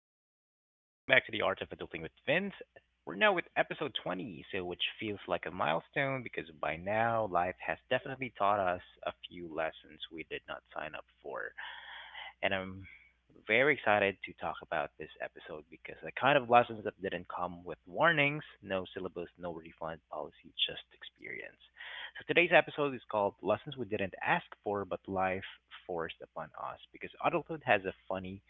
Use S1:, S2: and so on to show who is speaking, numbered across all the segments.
S1: What's up, everyone? Welcome back to the Art of Adulting with Vince. We're now with episode 20, which feels like a milestone because by now life has definitely taught us a few lessons we did not sign up for, and I'm very excited to talk about this episode because the kind of lessons that didn't come with warnings, no syllabus, no refund policy, just experience. So today's episode is called Lessons We Didn't Ask For But Life Forced Upon Us, because adulthood has a funny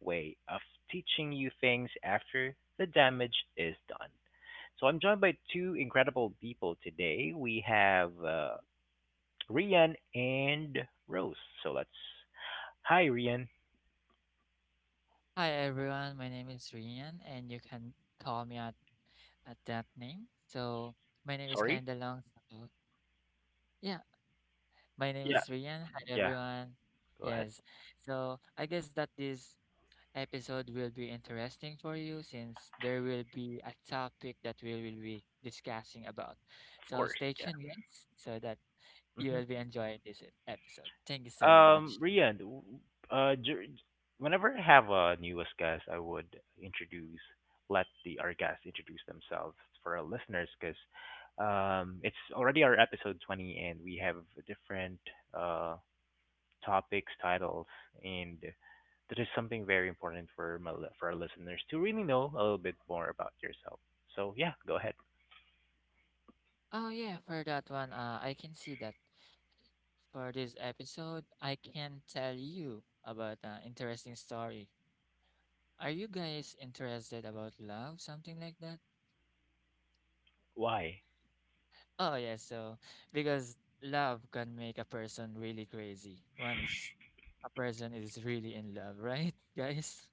S1: way of teaching you things after the damage is done. So I'm joined by two incredible people today. We have Rian and Rose. So let's. Hi, Rian.
S2: Hi everyone, my name is Rian and you can call me at that name. So my name is
S1: Sorry.
S2: kinda long. So yeah, my name
S1: Yeah,
S2: is Rian. Hi
S1: yeah.
S2: everyone.
S1: Go ahead.
S2: Yes. So I guess that this episode will be interesting for you since there will be a topic that we will be discussing about.
S1: Of
S2: So
S1: course,
S2: stay
S1: yeah.
S2: tuned guys so that you
S1: hmm
S2: will be enjoying this episode. Thank you so much.
S1: Rian, uh, dur- whenever I have a newest guest, I would introduce, let the our guests introduce themselves for our listeners, because it's already our episode 20, and we have different uh topics, titles, and that is something very important for for our listeners to really know a little bit more about yourself. So yeah, go ahead.
S2: Oh yeah, for that one, I can see that for this episode, I can tell you about an interesting story. Are you guys interested about love, something like that?
S1: Why?
S2: Oh yeah, so because love can make a person really crazy once a person is really in love, right, guys?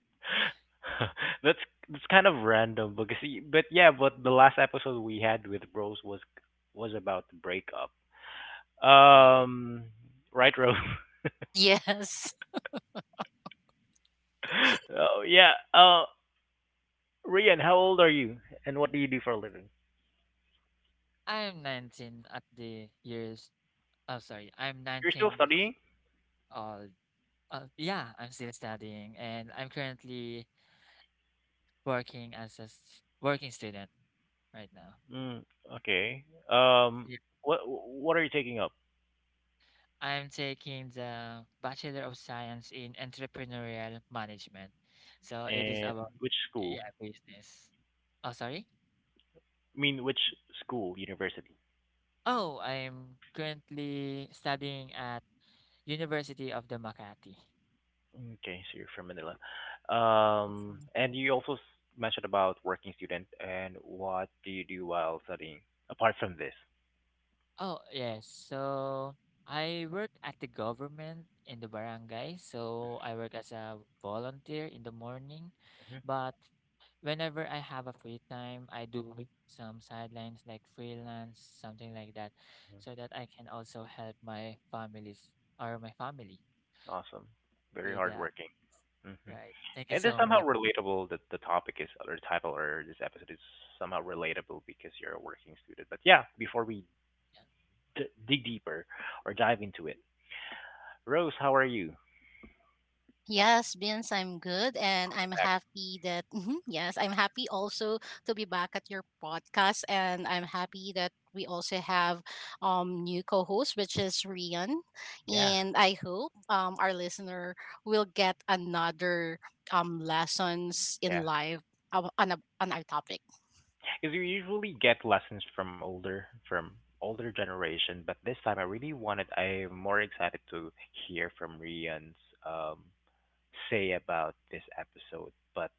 S1: that's that's kind of random because but yeah, but the last episode we had with Rose was about the breakup.
S2: Oh,
S1: Um, right, Rose.
S3: Yes.
S1: oh yeah. Rian, how old are you, and what do you do for a living?
S2: I'm 19 at the years. Oh, sorry, I'm
S1: You're still
S2: 19
S1: studying.
S2: old. Yeah, I'm still studying, and I'm currently working as a working student right now.
S1: Mm, okay. Um, what are you taking up,
S2: I'm taking the Bachelor of Science in Entrepreneurial Management. So it is
S1: and
S2: about,
S1: which school?
S2: yeah, business. Oh, sorry.
S1: I mean, which school, university?
S2: Oh, I'm currently studying at University of the Makati.
S1: Okay, so you're from Manila.
S3: Okay.
S1: And you also mentioned about working student, and what do you do while studying apart from this?
S2: Oh, yes. So I work at the government in the barangay. So I work as a volunteer in the morning.
S1: hmm
S2: But whenever I have a free time, I do some sidelines like freelance, something like that, so that I can also help my families or my family
S1: Awesome. Very
S2: with that.
S1: hardworking. Mm-hmm.
S2: Right. Thank you
S1: And this
S2: so
S1: somehow
S2: much.
S1: relatable, that the topic is, or title or this episode is somehow relatable because you're a working student. But yeah, before we
S2: Yeah.
S1: dig deeper or dive into it, Rose, how are you?
S3: Yes, Vince, I'm good and I'm
S1: Back.
S3: happy that Mhm, yes, I'm happy also to be back at your podcast, and I'm happy that we also have new co-host, which is Rian,
S1: Yeah,
S3: and I hope our listener will get another lessons in
S1: yeah.
S3: life, on our topic.
S1: Because you usually get lessons from older generation, but this time I really wanted. I'm more excited to hear from Rian's um say about this episode. But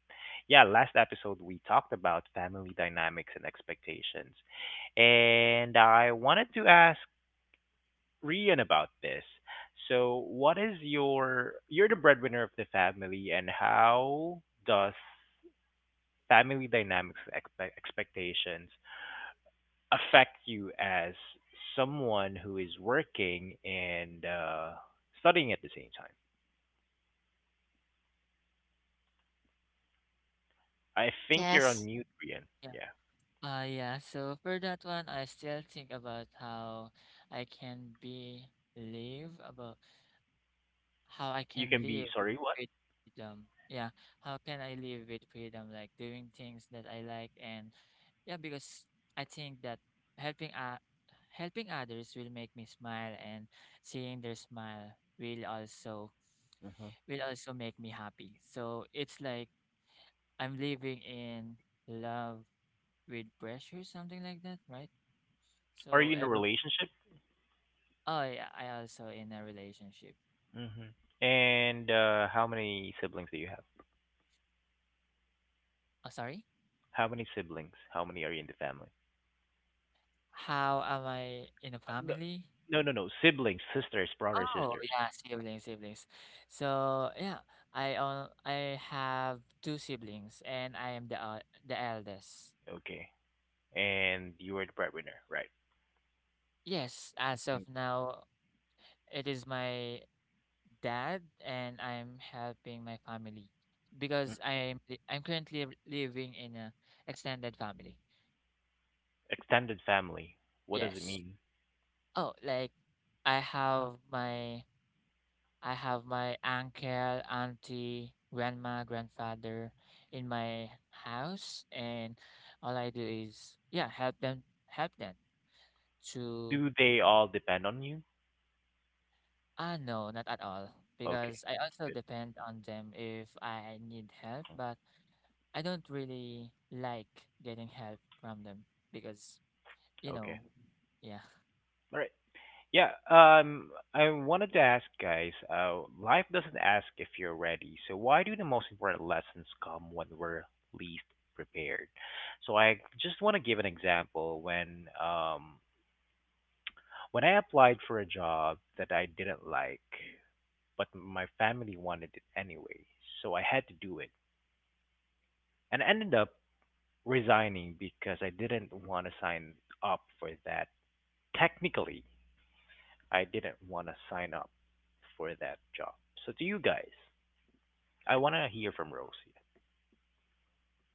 S1: yeah, last episode we talked about family dynamics and expectations, and I wanted to ask Rian about this. So, what is your, you're the breadwinner of the family, and how does family dynamics expectations affect you as someone who is working and studying at the same time? I think you're on
S3: Yes.
S1: mute, Rian. Yeah.
S2: Yeah. Yeah. So for that one, I still think about how I can be live about how I
S1: You
S2: can
S1: can be,
S2: live
S1: sorry, what?
S2: with freedom. Yeah, how can I live with freedom, like doing things that I like, and yeah, because I think that helping uh, helping others will make me smile, and seeing their smile will also make me happy. So it's like I'm living in love with pressure, something like that, right?
S1: Are
S2: So
S1: you in a
S2: ever
S1: relationship?
S2: oh yeah, I also in a relationship.
S1: Mm-hmm. And how many siblings do you have?
S2: Oh sorry.
S1: How many siblings? How many are you in the family?
S2: How am I in a
S1: No,
S2: family?
S1: no, no, no. Siblings, sisters, brothers,
S2: Oh,
S1: sisters.
S2: yeah, siblings. So, yeah, I have two siblings and I am the the eldest.
S1: Okay. And you are the breadwinner, right?
S2: Yes, as
S1: Mm,
S2: of now, it is my dad and I'm helping my family
S1: mm.
S2: because I'm currently living in a extended family.
S1: Extended family. What does it
S2: Yes.
S1: mean?
S2: Oh, like I have my I have my uncle, auntie, grandma, grandfather in my house, and all I do is yeah, help them to
S1: Do they all depend on you?
S2: ah, no, not at all.
S1: Okay.
S2: Because I also
S1: Good.
S2: depend on them if I need help, but I don't really like getting help from them because, you
S1: Okay.
S2: know, yeah.
S1: All right. Yeah. I wanted to ask, guys. Life doesn't ask if you're ready. So why do the most important lessons come when we're least prepared? So I just want to give an example. When I applied for a job that I didn't like, but my family wanted it anyway, so I had to do it, and I ended up resigning because I didn't want to sign up for that, technically, I didn't want to sign up for that job. So to you guys? I want to hear from Rosie.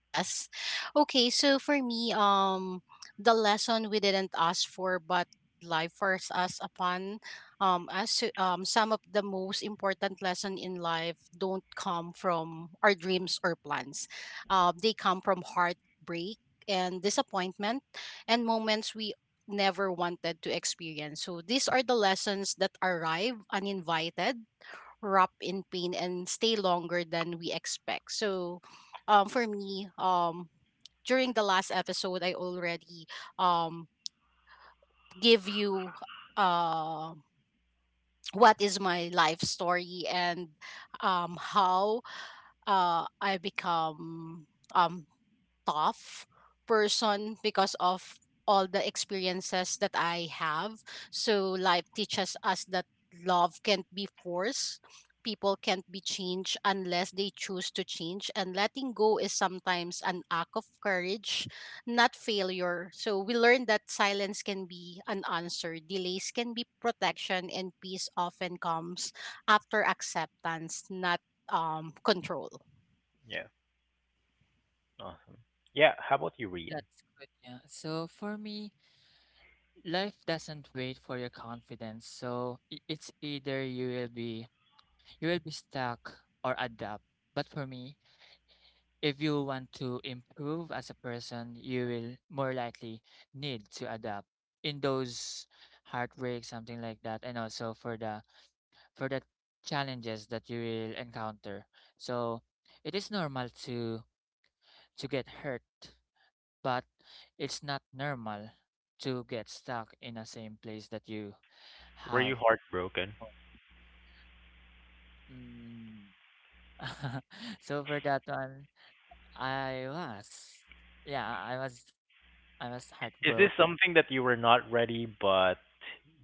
S3: Yes. Okay, so for me, the lesson we didn't ask for, but life forced us upon, some of the most important lesson in life don't come from our dreams or plans. They come from heartbreak and disappointment and moments we never wanted to experience. So these are the lessons that arrive uninvited, wrap in pain, and stay longer than we expect. So, for me, during the last episode, I already um give you uh what is my life story, and how I become um tough person because of all the experiences that I have. So life teaches us that love can't be forced. People can't be changed unless they choose to change. And letting go is sometimes an act of courage, not failure. So we learned that silence can be an answer, delays can be protection, and peace often comes after acceptance, not control.
S1: Yeah, awesome. Yeah, how about you, Rian?
S2: That's good, yeah. So for me, life doesn't wait for your confidence. So it's either you will be stuck or adapt. But for me, if you want to improve as a person, you will more likely need to adapt in those heartbreaks, something like that, and also for the challenges that you will encounter. So it is normal to get hurt, but it's not normal to get stuck in the same place that you
S1: Were you
S2: have.
S1: heartbroken?
S2: Mm. So for that one, I was. Yeah, I was
S1: Is this
S2: heartbroken.
S1: something that you were not ready, but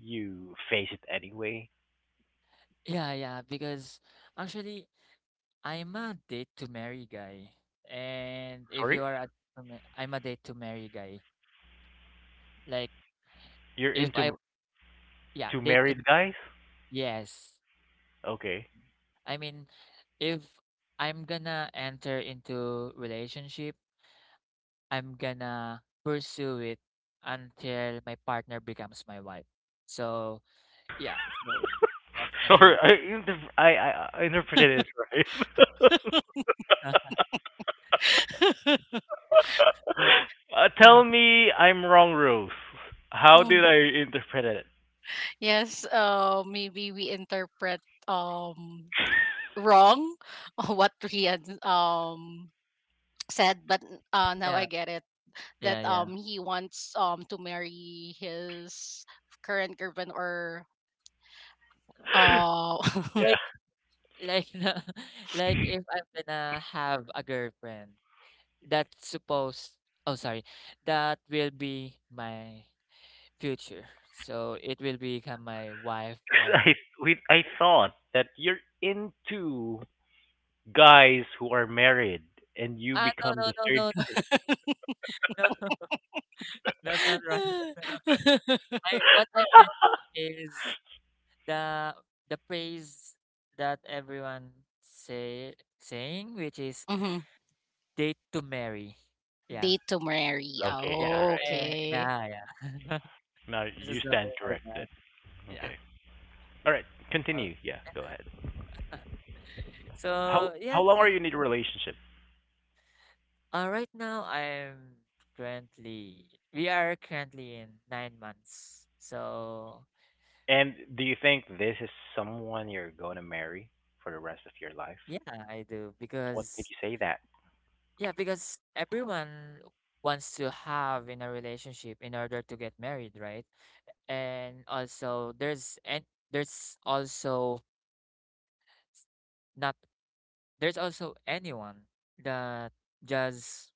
S1: you face it anyway?
S2: Yeah, yeah, because actually I'm a date to marry guy. And if
S1: Sorry?
S2: you are I I'm a date to marry guy. Like
S1: You're
S2: if I
S1: into
S2: yeah,
S1: to
S2: date to
S1: married guys?
S2: yes.
S1: Okay.
S2: I mean, if I'm gonna enter into relationship, I'm gonna pursue it until my partner becomes my wife. So, yeah. So that's it.
S1: Sorry, I interpreted it right.
S2: But yeah,
S1: Tell me I'm wrong, Rose. How did I interpret it?
S3: Yes, maybe we interpret um wrong what Rian said, but now
S2: yeah.
S3: I get it that
S2: Yeah, yeah.
S3: he wants to marry his current girlfriend, or uh
S2: Like like like if I'm gonna have a girlfriend, that's supposed oh sorry, that will be my future. So it will become my wife
S1: I
S2: or
S1: we I thought that you're into guys who are married and you
S2: ah,
S1: become the third.
S2: no, no, that's not right. I What I meant is the the praise that everyone saying, which is
S3: mhm,
S2: date to marry. Yeah.
S3: date to marry.
S1: okay,
S2: Yeah.
S1: all right.
S2: Eh,
S3: Okay.
S2: yeah, yeah.
S1: Now
S2: This
S1: you
S2: is the
S1: stand
S2: word, yeah.
S1: corrected.
S2: Yeah.
S1: Okay. All right.
S2: Uh,
S1: Continue. Yeah, go ahead. How
S2: so yeah,
S1: how long are you
S2: since
S1: in a relationship?
S2: right now I'm currently we are currently in 9 months. So
S1: And do you think this is someone you're going to marry for the rest of your life?
S2: yeah, I do
S1: What made
S2: because
S1: you say that?
S2: yeah, because everyone wants to have in a relationship in order to get married, right? And also there's and there's also not there's also anyone that just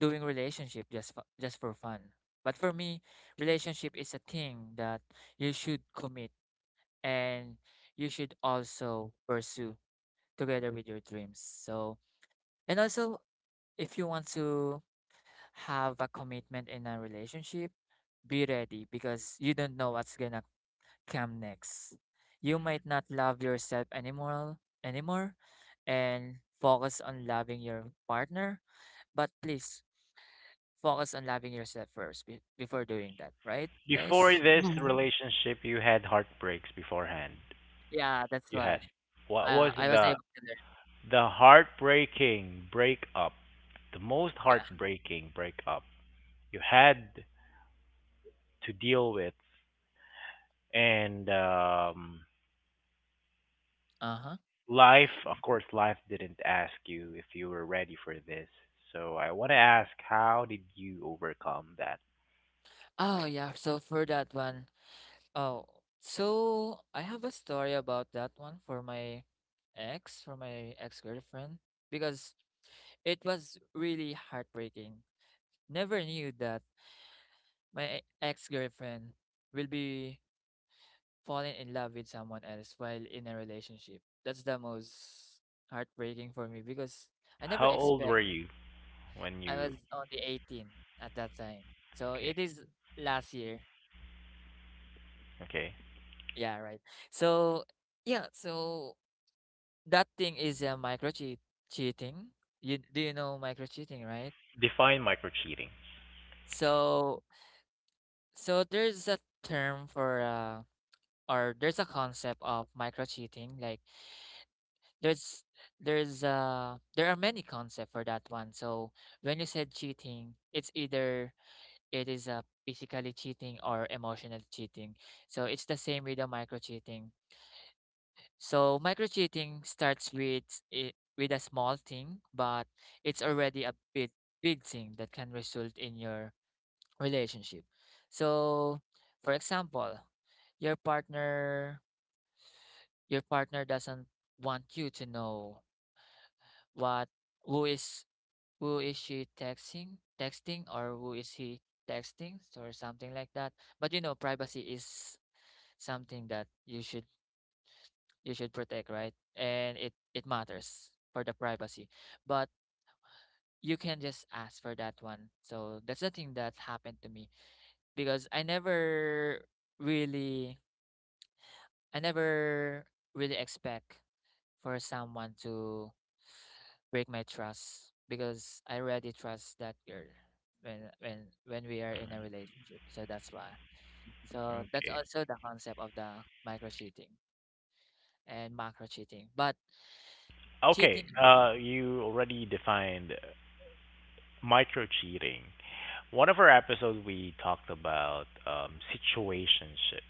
S2: doing relationship just for fun. But for me, relationship is a thing that you should commit and you should also pursue together with your dreams. So, and also if you want to have a commitment in a relationship, be ready because you don't know what's gonna come next. You might not love yourself anymore and focus on loving your partner, but please focus on loving yourself first before doing that, right,
S1: Before
S2: guys?
S1: this
S3: Mm.
S1: relationship, you had heartbreaks beforehand.
S2: Yeah, that's
S1: You
S2: why.
S1: had. What was
S2: I was able to learn.
S1: the heartbreaking breakup, the most
S2: Yeah.
S1: heartbreaking breakup you had to deal with, and
S2: Uh-huh.
S1: life, of course, life didn't ask you if you were ready for this. So I want to ask, how did you overcome that?
S2: Oh, yeah. So for that one, oh, so I have a story about that one for my ex-girlfriend, because it was really heartbreaking. Never knew that my ex-girlfriend will be falling in love with someone else while in a relationship. That's the most heartbreaking for me because I never
S1: How old were
S2: expect
S1: you when
S2: I
S1: you?
S2: was only 18 at that time. So
S1: Okay,
S2: it is last year.
S1: okay.
S2: Yeah, right. So yeah, so that thing is a micro cheat cheating. You do you know micro cheating, right?
S1: Define micro cheating.
S2: So so there's a term for or there's a concept of micro cheating like there's there's there are many concepts for that one. So when you said cheating, it's either it is physically cheating or emotional cheating, so it's the same with the micro cheating. So micro cheating starts with it with a small thing, but it's already a bit big thing that can result in your relationship. So for example, your partner your partner doesn't want you to know what who is who is she texting, or who is he texting, or something like that. But you know, privacy is something that you should protect, right, and it matters for the privacy. But you can just ask for that one. So that's the thing that happened to me because really I never really expect for someone to break my trust because I already trust that girl when when when we are in a relationship. So that's why. So that's
S1: Okay.
S2: also the concept of the micro cheating and macro cheating. But
S1: Okay,
S2: cheating is-
S1: you already defined micro-cheating. One of our episodes, we talked about situationship.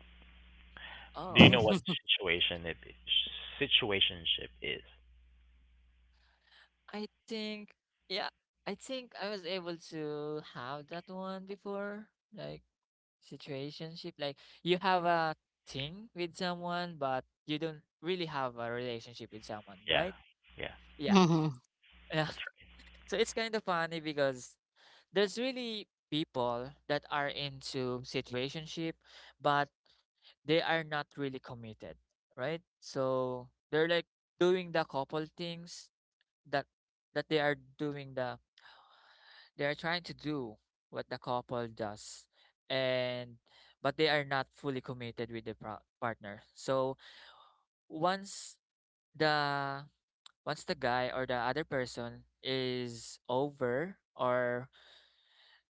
S1: Do you
S2: oh
S1: know what
S2: this
S1: situation it situationship is?
S2: I think yeah, I think I was able to have that one before. Like situationship. Like you have a thing with someone, but you don't really have a relationship with someone,
S1: Yeah,
S2: right?
S1: yeah, yeah.
S2: Yeah.
S3: Mm-hmm.
S2: Yeah.
S1: That's right.
S2: So it's kind of funny because there's really people that are into situationship, but they are not really committed, right, so they're like doing the couple things that that they are doing the they are trying to do what the couple does. And but they are not fully committed with the partner. So once the once the guy or the other person is over or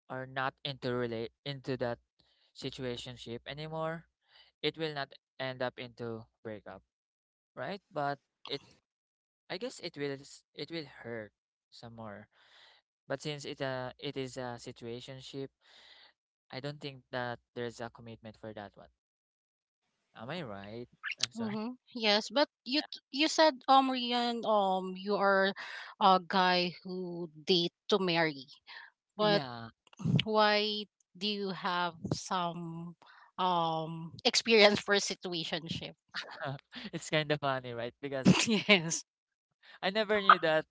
S2: are not into relate into that situationship anymore, it will not end up into breakup, right? But it I guess it it will hurt some more. But since it is a situationship, I don't think that there's a commitment for that one. Am I right? I'm sorry.
S3: Mm-hmm. Yes, but you said, Rian, you are a guy who date to marry. But
S2: Yeah.
S3: why do you have some experience for situationship?
S2: It's kind of funny, right? Because
S3: Yes.
S2: I never knew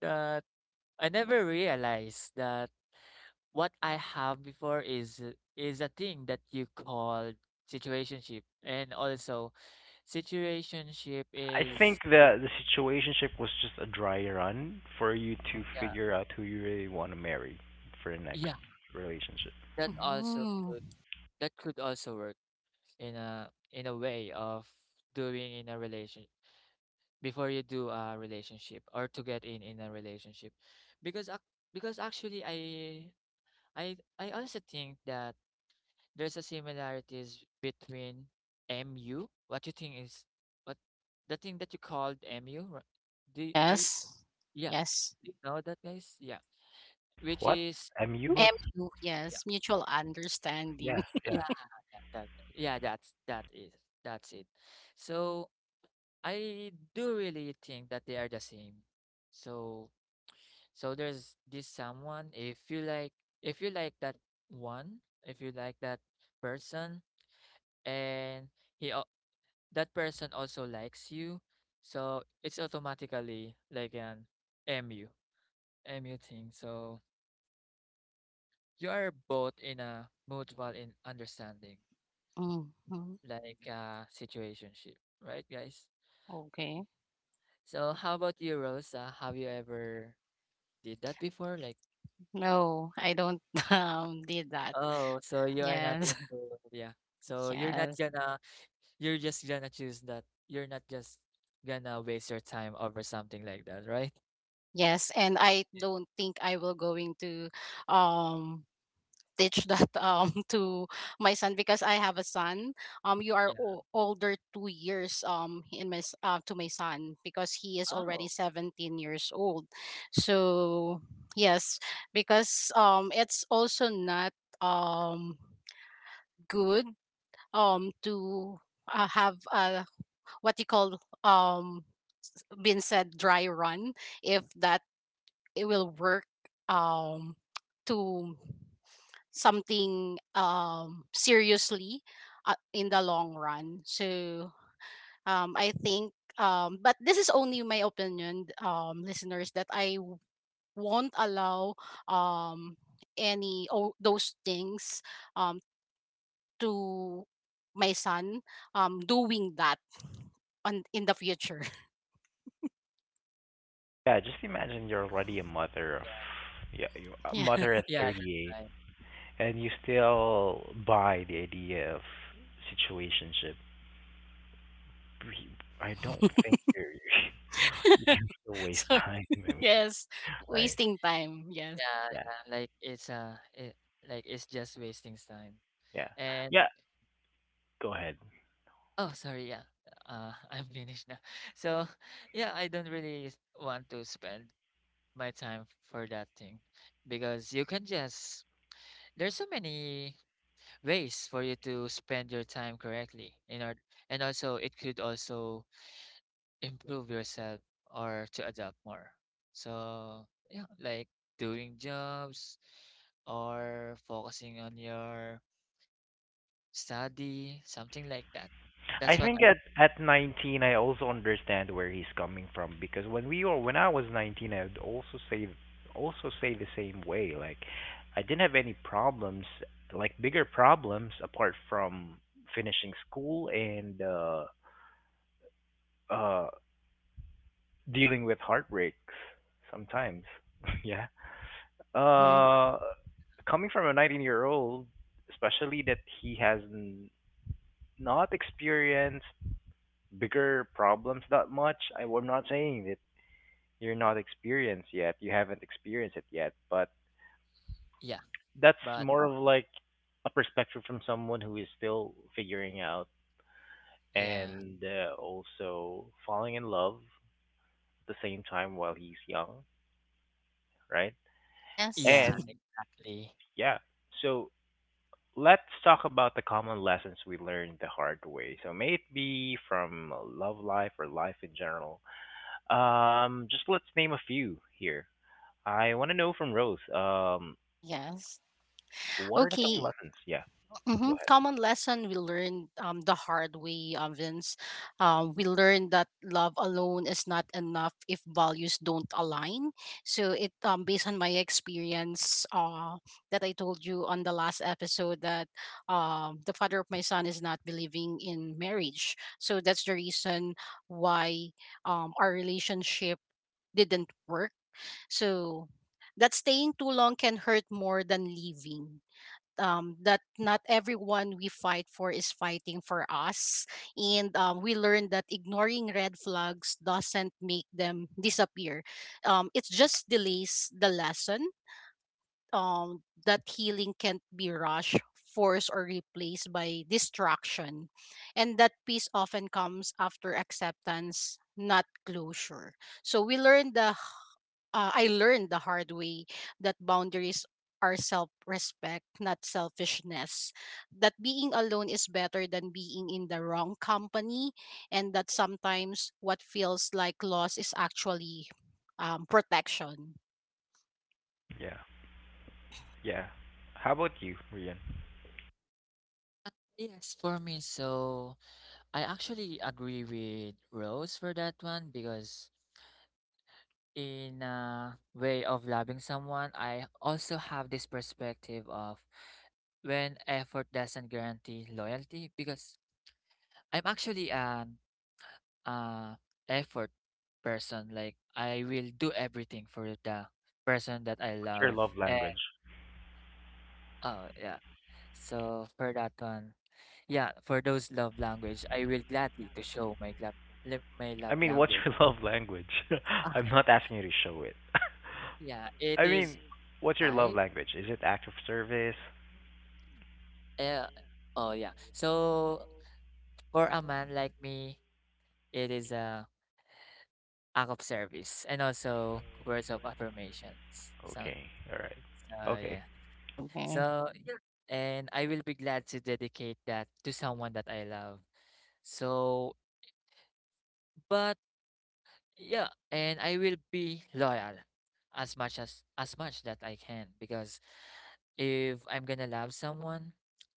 S2: that I never realized that what I have before is a thing that you call situationship, and also situationship
S1: I
S2: is
S1: think
S2: yeah
S1: the situationship was just a dry run for you to
S2: yeah
S1: figure out who you really want to marry for the next
S2: yeah,
S1: relationship.
S2: that also
S3: Mm.
S2: could that could also work in a way of doing in a relation before you do a relationship or to get in a relationship because actually I also think that there's a similarities between MU. What you think is what the thing that you called MU? Do you, are you,
S3: Yes.
S2: yeah?
S3: Yes.
S2: Do you know that guys? Yeah, which
S1: What?
S2: is
S1: Am you?
S2: mood.
S3: MU,
S2: Yeah,
S3: yes. Mutual understanding.
S1: Yeah, yeah,
S2: yeah, yeah, that, yeah. That's that is that's it. So I do really think that they are the same. So there's this someone. If you like, if you like that if you like that person, and he that person also likes you. So it's automatically like an MU, MU thing. So you are both in a mutual in understanding,
S3: Hmm.
S2: like a situationship, right, guys?
S3: Okay.
S2: So how about you, Rosa? Have you ever did that before? Like,
S3: No, I don't did that.
S2: oh, so you are not
S3: Yes.
S2: into, yeah. So you're not
S3: Yes.
S2: gonna, you're just gonna choose that. You're not just gonna waste your time over something like that, right?
S3: Yes, and I don't think I will going to um teach that, to my son, because I have a son. You are
S2: Yeah.
S3: older 2 years in my to my son, because he is already
S2: Oh,
S3: 17 years old. So yes, because it's also not um good to have what you call um been said dry run if that it will work um to something seriously, in the long run. So I think, but this is only my opinion, listeners, that I won't allow um any those things, um to my son, doing that on in the future.
S1: yeah. Just imagine you're already a mother of
S2: yeah.
S1: yeah, you're a
S3: Yeah.
S1: mother at
S2: Yeah, that's
S1: 38,
S2: right.
S1: and you still buy the idea of situationship, re- I don't think you're you can still waste
S3: So,
S1: time. I mean,
S3: yes,
S1: right?
S3: wasting time, yes.
S2: Yeah,
S1: Yeah,
S2: yeah, like it's just wasting time.
S1: yeah,
S2: And
S1: yeah. Go ahead.
S2: oh, sorry, yeah. I'm finished now. So, yeah, I don't really want to spend my time for that thing because you can just there's so many ways for you to spend your time correctly in order, and also it could also improve yourself or to adapt more. So, yeah, like doing jobs or focusing on your study, something like that. That's
S1: I
S2: what
S1: think
S2: I
S1: at 19, I also understand where he's coming from because when we were when I was 19, I'd also say the same way. Like, I didn't have any problems, like bigger problems apart from finishing school and uh dealing with heartbreaks sometimes. yeah.
S3: Mm-hmm.
S1: Uh, coming from a 19-year-old, especially that not experienced bigger problems that much, am not saying that you're not experienced yet, you haven't experienced it yet, but
S2: yeah,
S1: that's
S2: but
S1: more of like a perspective from someone who is still figuring out
S2: yeah.
S1: and also falling in love at the same time while he's young, right?
S3: Yes.
S2: Yeah,
S1: And
S2: actually.
S1: yeah, so let's talk about the common lessons we learned the hard way. So may it be from love life or life in general. Just let's name a few here. I want to know from Rose.
S3: Yes.
S1: What are the common
S3: Okay.
S1: lessons? Yeah, go
S3: Mm-hmm.
S1: ahead.
S3: Common lesson we learned, the hard way, Vince. We learned that love alone is not enough if values don't align. So it, based on my experience, that I told you on the last episode, that the father of my son is not believing in marriage. So that's the reason why our relationship didn't work. So that staying too long can hurt more than leaving, that not everyone we fight for is fighting for us. And we learned that ignoring red flags doesn't make them disappear. It just delays the lesson, that healing can't be rushed, forced, or replaced by distraction. And that peace often comes after acceptance, not closure. So we learned the I learned the hard way that boundaries are self respect, not selfishness. That being alone is better than being in the wrong company, and that sometimes what feels like loss is actually, protection.
S1: Yeah, yeah. How about you, Rian?
S2: Yes, for me, so I actually agree with Rose for that one because in a way of loving someone, I also have this perspective of when effort doesn't guarantee loyalty because I'm actually an uh effort person. Like I will do everything for the person that I
S1: What's your
S2: love.
S1: love
S2: And
S1: language?
S2: oh yeah. So for that one, yeah, for those love language, I will gladly to show my
S1: I
S2: love
S1: mean, what's
S2: language.
S1: your love language?
S2: Ah,
S1: I'm not asking you to show it.
S2: yeah, it
S1: I
S2: is
S1: mean, what's your love
S2: five.
S1: language? Is it act of service?
S2: Uh, oh yeah. So for a man like me, it is a act of service and also words of affirmations. So
S1: Okay, all right. Okay.
S2: yeah.
S3: Okay.
S2: So yeah, and I will be glad to dedicate that to someone that I love. So, but Yeah, and I will be loyal as much that I can because if I'm gonna love someone,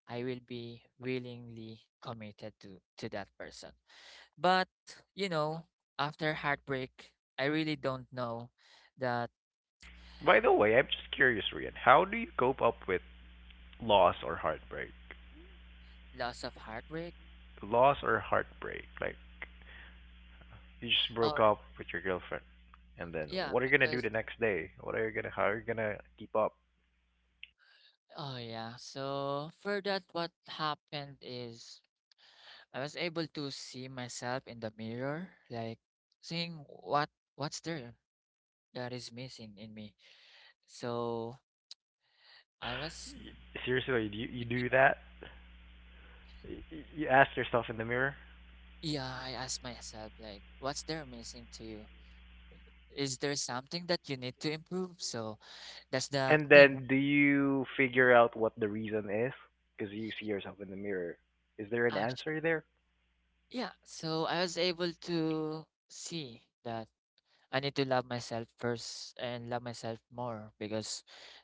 S2: I will be willingly committed to that person. But you know, after heartbreak, I really don't know that
S1: By the way, I'm just curious, Rian. How do you cope up with loss or heartbreak?
S2: loss of heartbreak.
S1: Loss or heartbreak? Like, you just
S2: Oh
S1: broke up with your girlfriend, and then
S2: yeah,
S1: what are you gonna do
S2: because
S1: the next day? What are you gonna? How are you gonna keep up?
S2: oh yeah. So for that, what happened is I was able to see myself in the mirror, like saying what's there that is missing in me. So I was,
S1: Seriously, you do that? Y- You ask yourself in the mirror,
S2: yeah, I asked myself, like, what's there missing to you? Is there something that you need to improve? So that's the
S1: and
S2: thing,
S1: then do you figure out what the reason is? Because you see yourself in the mirror. Is there an
S2: actually.
S1: answer there?
S2: Yeah, so I was able to see that I need to love myself first and love myself more because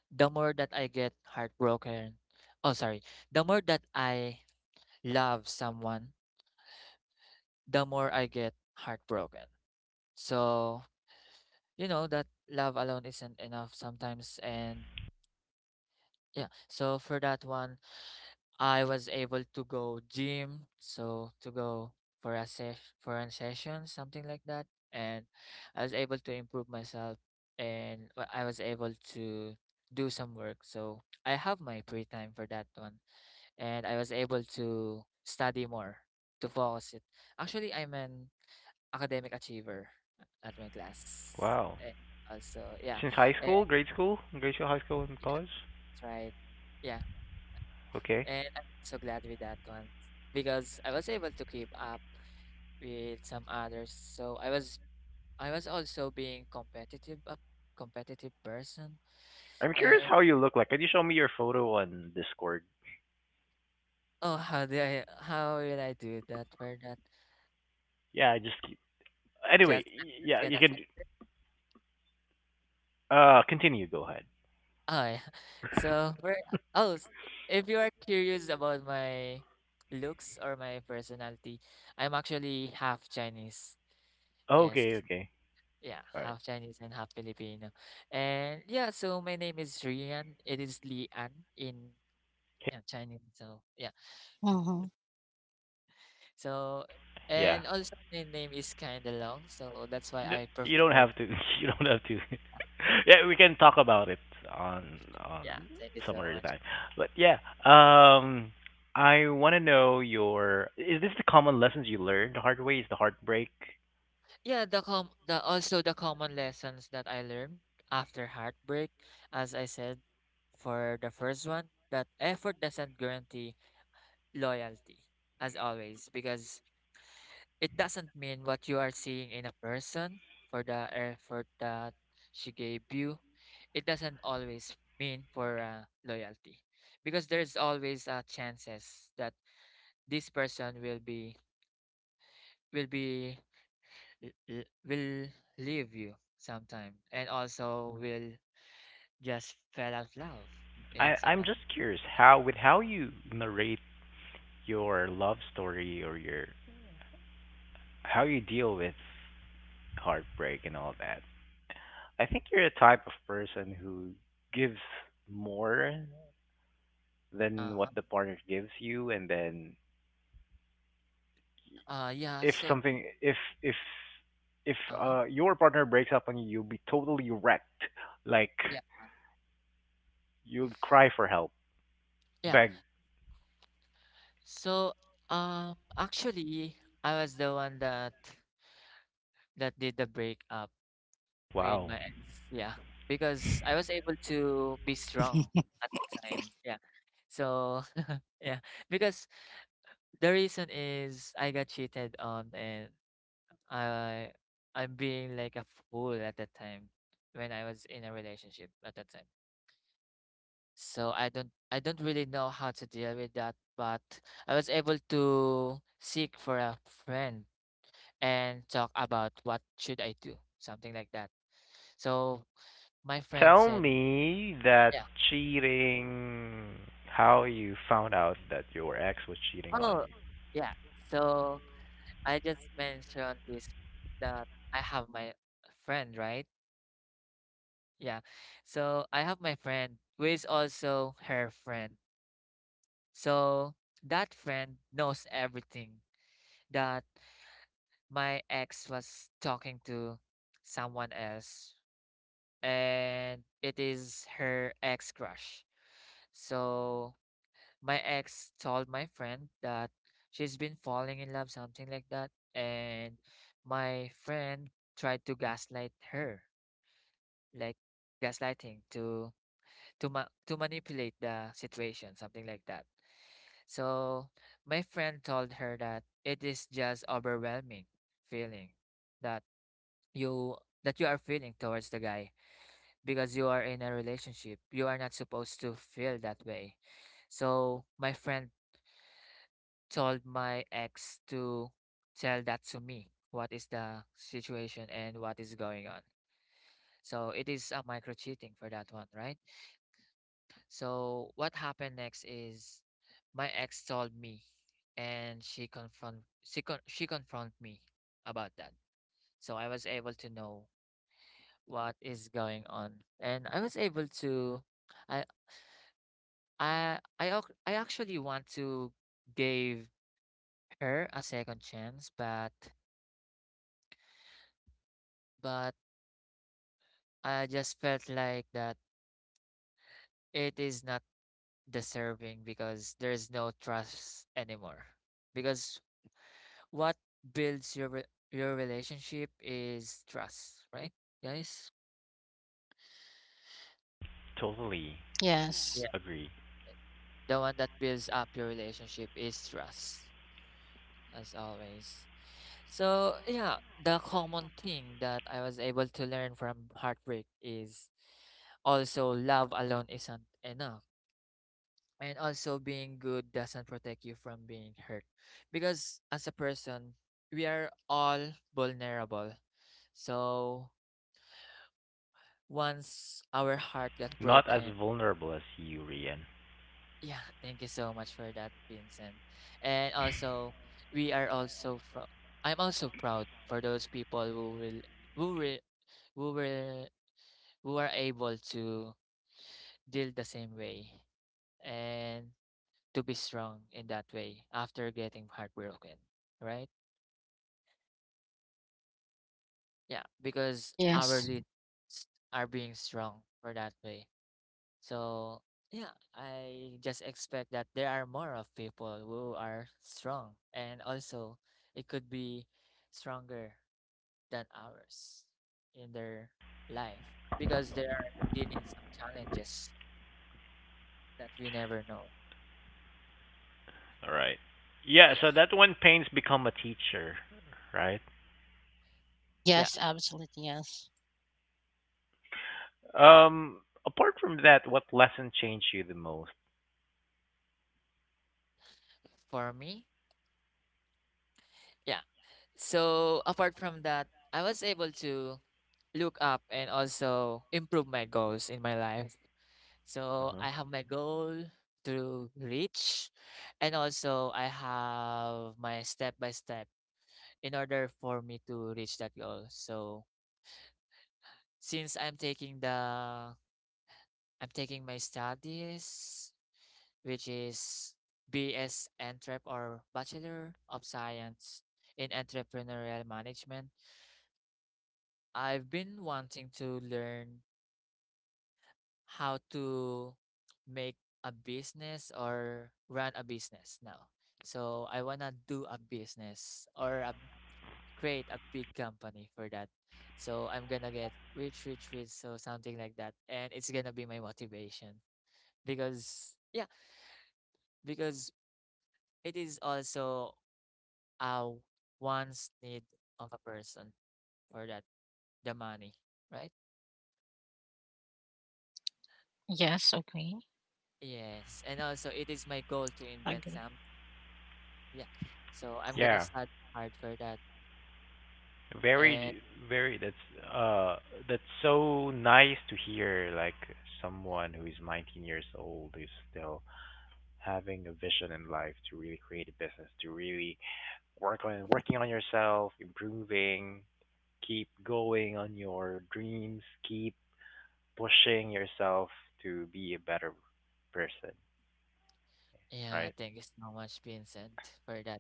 S2: the more that I get heartbroken, oh, sorry, the more that I love someone, the more I get heartbroken. So you know that love alone isn't enough sometimes and yeah so for that one I was able to go gym so to go for a sesh for a session something like that and I was able to improve myself and I was able to do some work so I have my free time for that one and I was able to study more to focus it actually I'm an academic achiever at my class
S1: Wow.
S2: and also yeah.
S1: Since high school, grade school, grade school, high school, and
S2: Yeah,
S1: college.
S2: that's right. Yeah,
S1: Okay.
S2: and I'm so glad with that one because I was able to keep up with some others. So I was also being competitive, a competitive person.
S1: I'm curious
S2: And
S1: how you look like. Can you show me your photo on Discord?
S2: oh, how do I how will I do that? We're not
S1: Yeah, I just keep. Anyway,
S2: just I'm just
S1: yeah, you
S2: gonna say.
S1: can. Continue. Go ahead.
S2: Oh yeah. So we're oh, s- if you are curious about my looks or my personality, I'm actually half Chinese. Yes.
S1: Okay, okay.
S2: Yeah,
S1: All right.
S2: half Chinese and half Filipino. And yeah, so my name is Rian. It is Lian in Chinese. So yeah,
S3: Mm-hmm.
S2: so
S1: Yeah.
S2: and also my name is kind of long, so that's why
S1: N-
S2: I
S1: You don't
S2: prefer.
S1: have
S2: To,
S1: to. You don't have to. yeah, we can talk about it on on
S2: yeah, thank you
S1: some
S2: so
S1: other
S2: much.
S1: time. But yeah, um, I want to know your. Is this the common lessons you learned the hard way? Is the heartbreak?
S2: The also the common lessons that I learned after heartbreak, as I said, for the first one, that effort doesn't guarantee loyalty, as always, because it doesn't mean what you are seeing in a person for the effort that she gave you. It doesn't always mean for loyalty because there's always chances that this person will be l- l- will leave you sometime and also will just fell out love in some
S1: I'm
S2: other
S1: just curious
S2: right?
S1: how with how you narrate your love story or your how you deal with heartbreak and all that. I think you're a type of person who gives more than
S2: Uh-huh.
S1: what the partner gives you, and then
S2: Yeah,
S1: if
S2: so
S1: something, if if
S2: uh-huh.
S1: your partner breaks up on you, you'll be totally wrecked. Like,
S2: Yeah.
S1: you'll cry for help,
S2: Yeah.
S1: beg.
S2: So actually I was the one that did the breakup with
S1: Wow.
S2: my ex. Yeah, because I was able to be strong at that time. Yeah. So yeah, because the reason is I got cheated on and I I'm being like a fool at that time when I was in a relationship at that time. So I don't really know how to deal with that, but I was able to seek for a friend and talk about what should I do, something like that. So my friend
S1: Tell
S2: said,
S1: me that
S2: yeah,
S1: cheating. How you found out that your ex was cheating on
S2: oh,
S1: you?
S2: yeah. So I just mentioned this that I have my friend, right? Yeah. So I have my friend who is also her friend. So that friend knows everything that my ex was talking to someone else, and it is her ex crush. So my ex told my friend that she's been falling in love, something like that. And my friend tried to gaslight her, like gaslighting to to manipulate the situation, something like that. So my friend told her that it is just overwhelming feeling that you that you are feeling towards the guy because you are in a relationship. You are not supposed to feel that way. So my friend told my ex to tell that to me. What is the situation and what is going on? So it is a micro cheating for that one, right? So what happened next is my ex told me and she confront me about that. So I was able to know what is going on and I was able to I I actually want to give her a second chance but but I just felt like that it is not deserving because there's no trust anymore. Because what builds your relationship is trust, right, guys?
S1: Totally
S2: Yeah.
S3: Yes.
S1: agree.
S2: The one that builds up your relationship is trust, as always. So yeah, the common thing that I was able to learn from heartbreak is also love alone isn't enough and also being good doesn't protect you from being hurt because as a person we are all vulnerable so once our heart got
S1: Not as
S2: broken
S1: vulnerable as you, Rian.
S2: yeah thank you so much for that Vincent and also we are also from I'm also proud for those people who who will will who are able to deal the same way and to be strong in that way after getting heartbroken right. Yeah, because our
S3: Yes.
S2: leads are being strong for that way. So yeah, I just expect that there are more of people who are strong and also it could be stronger than ours in their life because they are dealing some challenges that we never know.
S1: All right. Yeah,
S2: Yeah.
S1: so that when pains become a teacher, right?
S2: Yeah.
S3: Yes, absolutely. Yes.
S1: Um, apart from that, what lesson changed you the most?
S2: For me. Yeah. So apart from that, I was able to look up and also improve my goals in my life. So
S1: hmm
S2: I have my goal to reach, and also I have my step by step in order for me to reach that goal. So since I'm taking the I'm taking my studies, which is BS Entrep or Bachelor of Science in Entrepreneurial Management. I've been wanting to learn how to make a business or run a business now. So I wanna do a business or create a big company for that. So I'm gonna get rich, rich, rich, so something like that, and it's gonna be my motivation because yeah, because it is also a wants need of a person for that the money, right?
S3: Yes, okay.
S2: Yes, and also it is my goal to invent
S3: Agree.
S2: some. Yeah, so I'm gonna
S1: Yeah,
S2: study hard for that. And
S1: very, very. That's so nice to hear. Like, someone who is 19 years old who's still having a vision in life to really create a business, to really working on yourself, improving, keep going on your dreams, keep pushing yourself to be a better person,
S2: yeah,
S1: right?
S2: thank you so much, Vincent, for that.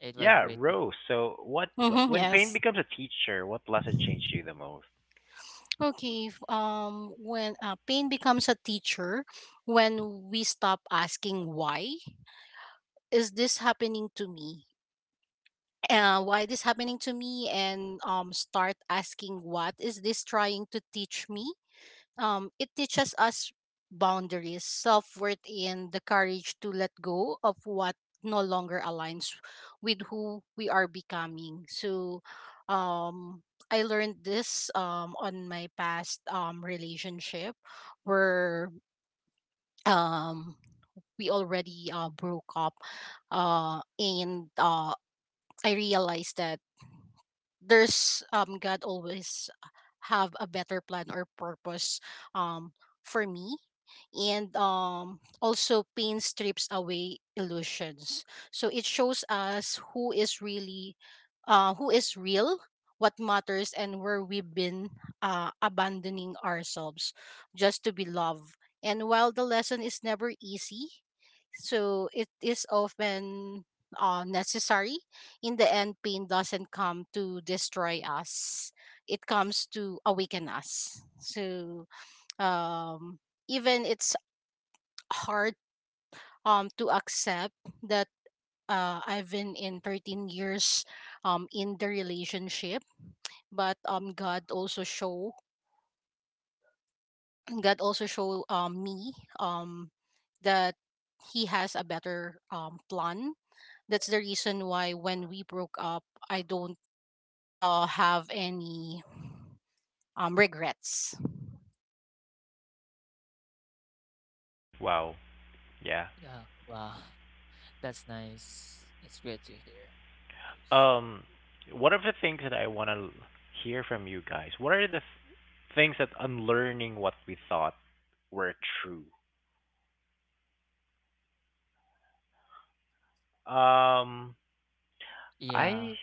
S2: It was
S1: Yeah,
S2: great to.
S1: Rose. So, what
S3: Mm-hmm,
S1: when pain
S3: yes.
S1: becomes a teacher, what lesson changed you the most?
S3: Okay. When pain becomes a teacher, when we stop asking, why is this happening to me? Why this happening to me? And start asking, what is this trying to teach me? It teaches us boundaries, self worth, and the courage to let go of what no longer aligns with who we are becoming. So, um, I learned this on my past relationship, where um, we already broke up, and I realized that there's God always have a better plan or purpose um for me, and also pain strips away illusions, so it shows us who is really who is real, what matters, and where we've been abandoning ourselves just to be loved. And while the lesson is never easy, so it is often necessary. In the end, pain doesn't come to destroy us. It comes to awaken us. So, um, even it's hard to accept that, I've been in 13 years in the relationship, but God also show me um, that He has a better plan. That's the reason why when we broke up, I don't have any regrets.
S1: Wow. Yeah.
S2: Yeah, wow. That's nice. It's great to hear. Rose.
S1: Um, what are the things that I want to hear from you guys? What are things that unlearning what we thought were true? Um,
S2: Yeah.
S1: I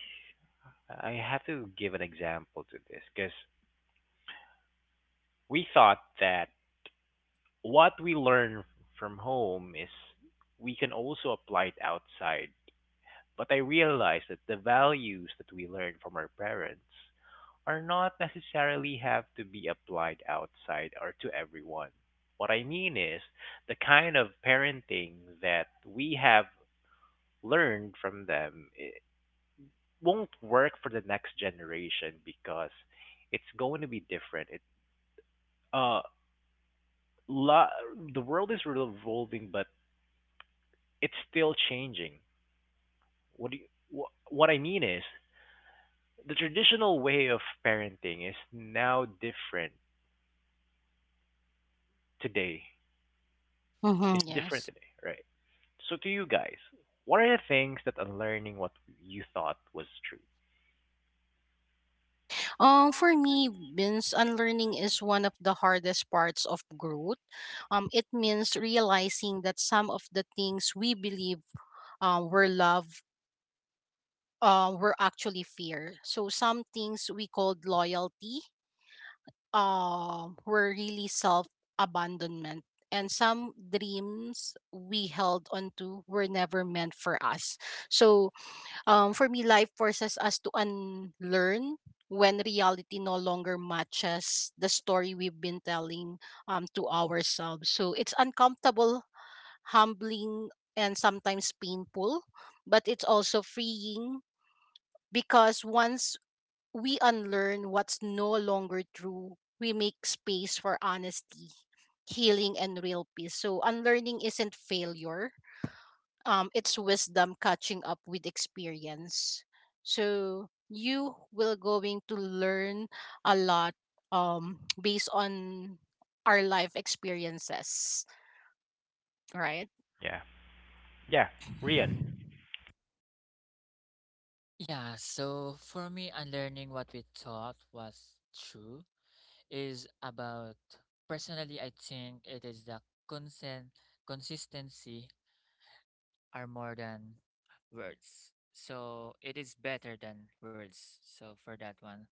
S1: I have to give an example to this because we thought that what we learn from home is we can also apply it outside. But I realize that the values that we learn from our parents are not necessarily have to be applied outside or to everyone. What I mean is the kind of parenting that we have learned from them, it won't work for the next generation because it's going to be different. It uh lo- the world is revolving but it's still changing. What do you, wh- what I mean is the traditional way of parenting is now different today. It's
S3: Mm-hmm,
S1: different
S3: yes.
S1: today, right? So to you guys, what are the things that are learning what you thought was true?
S3: For me, means unlearning is one of the hardest parts of growth. It means realizing that some of the things we believe were love were actually fear. So some things we called loyalty were really self abandonment. And some dreams we held onto were never meant for us. So, for me, life forces us to unlearn when reality no longer matches the story we've been telling to ourselves. So, it's uncomfortable, humbling, and sometimes painful, but it's also freeing, because once we unlearn what's no longer true, we make space for honesty, healing, and real peace. So, unlearning isn't failure, it's wisdom catching up with experience. So, you will going to learn a lot based on our life experiences, right?
S1: Yeah. Yeah. Rian.
S2: Yeah, so for me, unlearning what we thought was true is about personally, I think it is the consent consistency are more than words. So it is better than words. So for that one.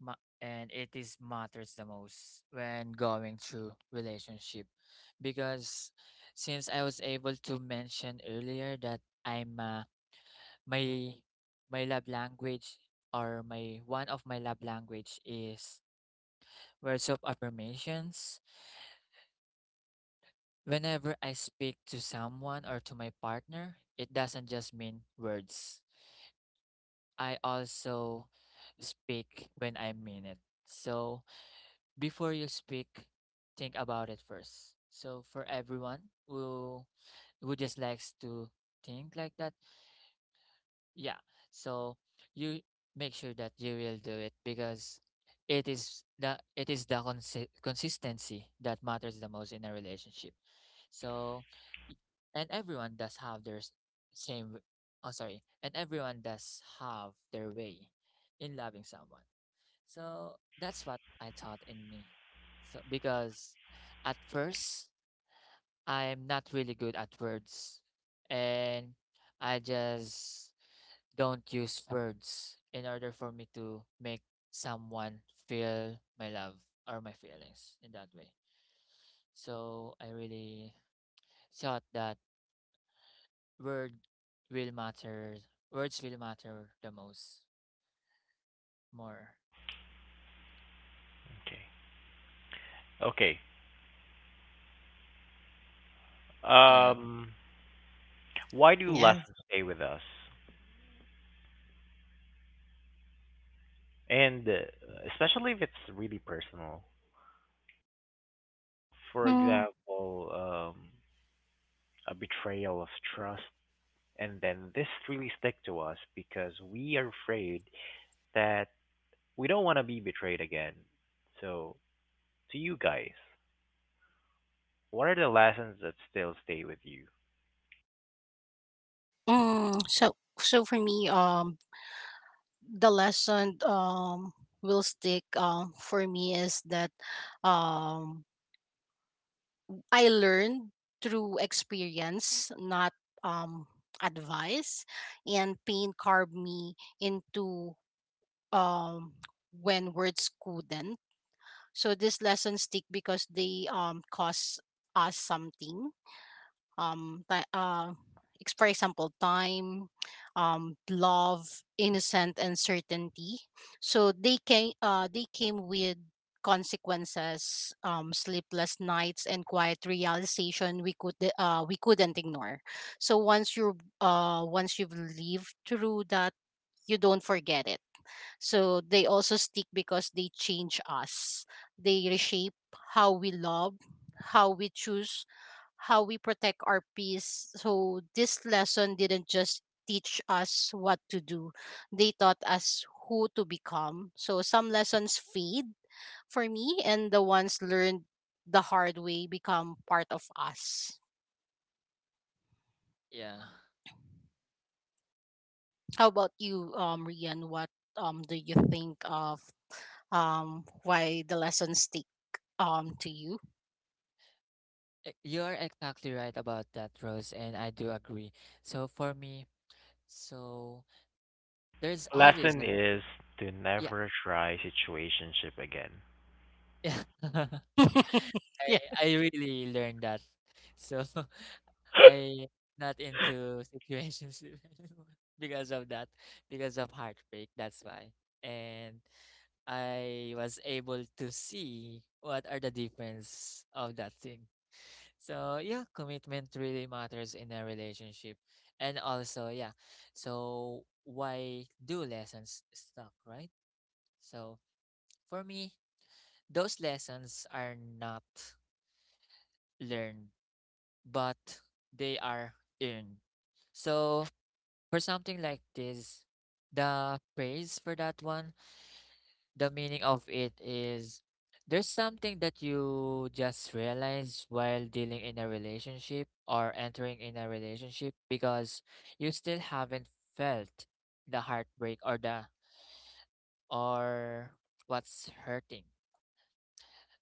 S2: And it is matters the most when going through relationship because since I was able to mention earlier that I'm my my love language or my one of my love language is words of affirmations whenever I speak to someone or to my partner it doesn't just mean words I also speak when I mean it so before you speak, think about it first. So for everyone who just likes to think like that, yeah. So you make sure that you will do it because it is the consistency that matters the most in a relationship. So y- and everyone does have their s- same w- oh sorry, and everyone does have their way in loving someone. So that's what I thought in me. So because at first I'm not really good at words and I just don't use words in order for me to make someone feel my love or my feelings in that way. So I really thought that word will matter words will matter the most more.
S1: Okay. Okay.
S2: Yeah.
S1: Um why do
S3: Yeah.
S1: lessons stay with us? And especially if it's really personal. For
S3: Mm.
S1: example, a betrayal of trust. And then this really stick to us because we are afraid that we don't want to be betrayed again. So, to you guys, what are the lessons that still stay with you?
S3: Mm. So for me, the lesson will stick for me is that um I learned through experience, not um advice, and pain carved me into um when words couldn't. So this lesson stick because they cost us something, um ti uh, for example, time, love, innocent, and certainty. So they came with consequences, sleepless nights, and quiet realization we couldn't ignore. So once you've lived through that, you don't forget it. So they also stick because they change us, they reshape how we love, how we choose, how we protect our peace. So this lesson didn't just teach us what to do. They taught us who to become. So some lessons fade for me, and the ones learned the hard way become part of us.
S2: Yeah.
S3: How about you, Rian? What do you
S2: Yeah.
S3: think of, why the lessons stick to you?
S2: You're exactly right about that, Rose, and I do agree. So for me, so there's always
S1: Lesson
S2: a,
S1: is to
S2: yeah,
S1: never try situationship again.
S2: yeah. I
S3: Yeah.
S2: I really learned that. So I not into situations anymore because of that, because of heartbreak. That's why. And I was able to see what are the difference of that thing. So yeah, commitment really matters in a relationship. And also, yeah, so why do lessons stuck, right? So for me, those lessons are not learned, but they are earned. So for something like this, the praise for that one the meaning of it is there's something that you just realize while dealing in a relationship or entering in a relationship because you still haven't felt the heartbreak or the or what's hurting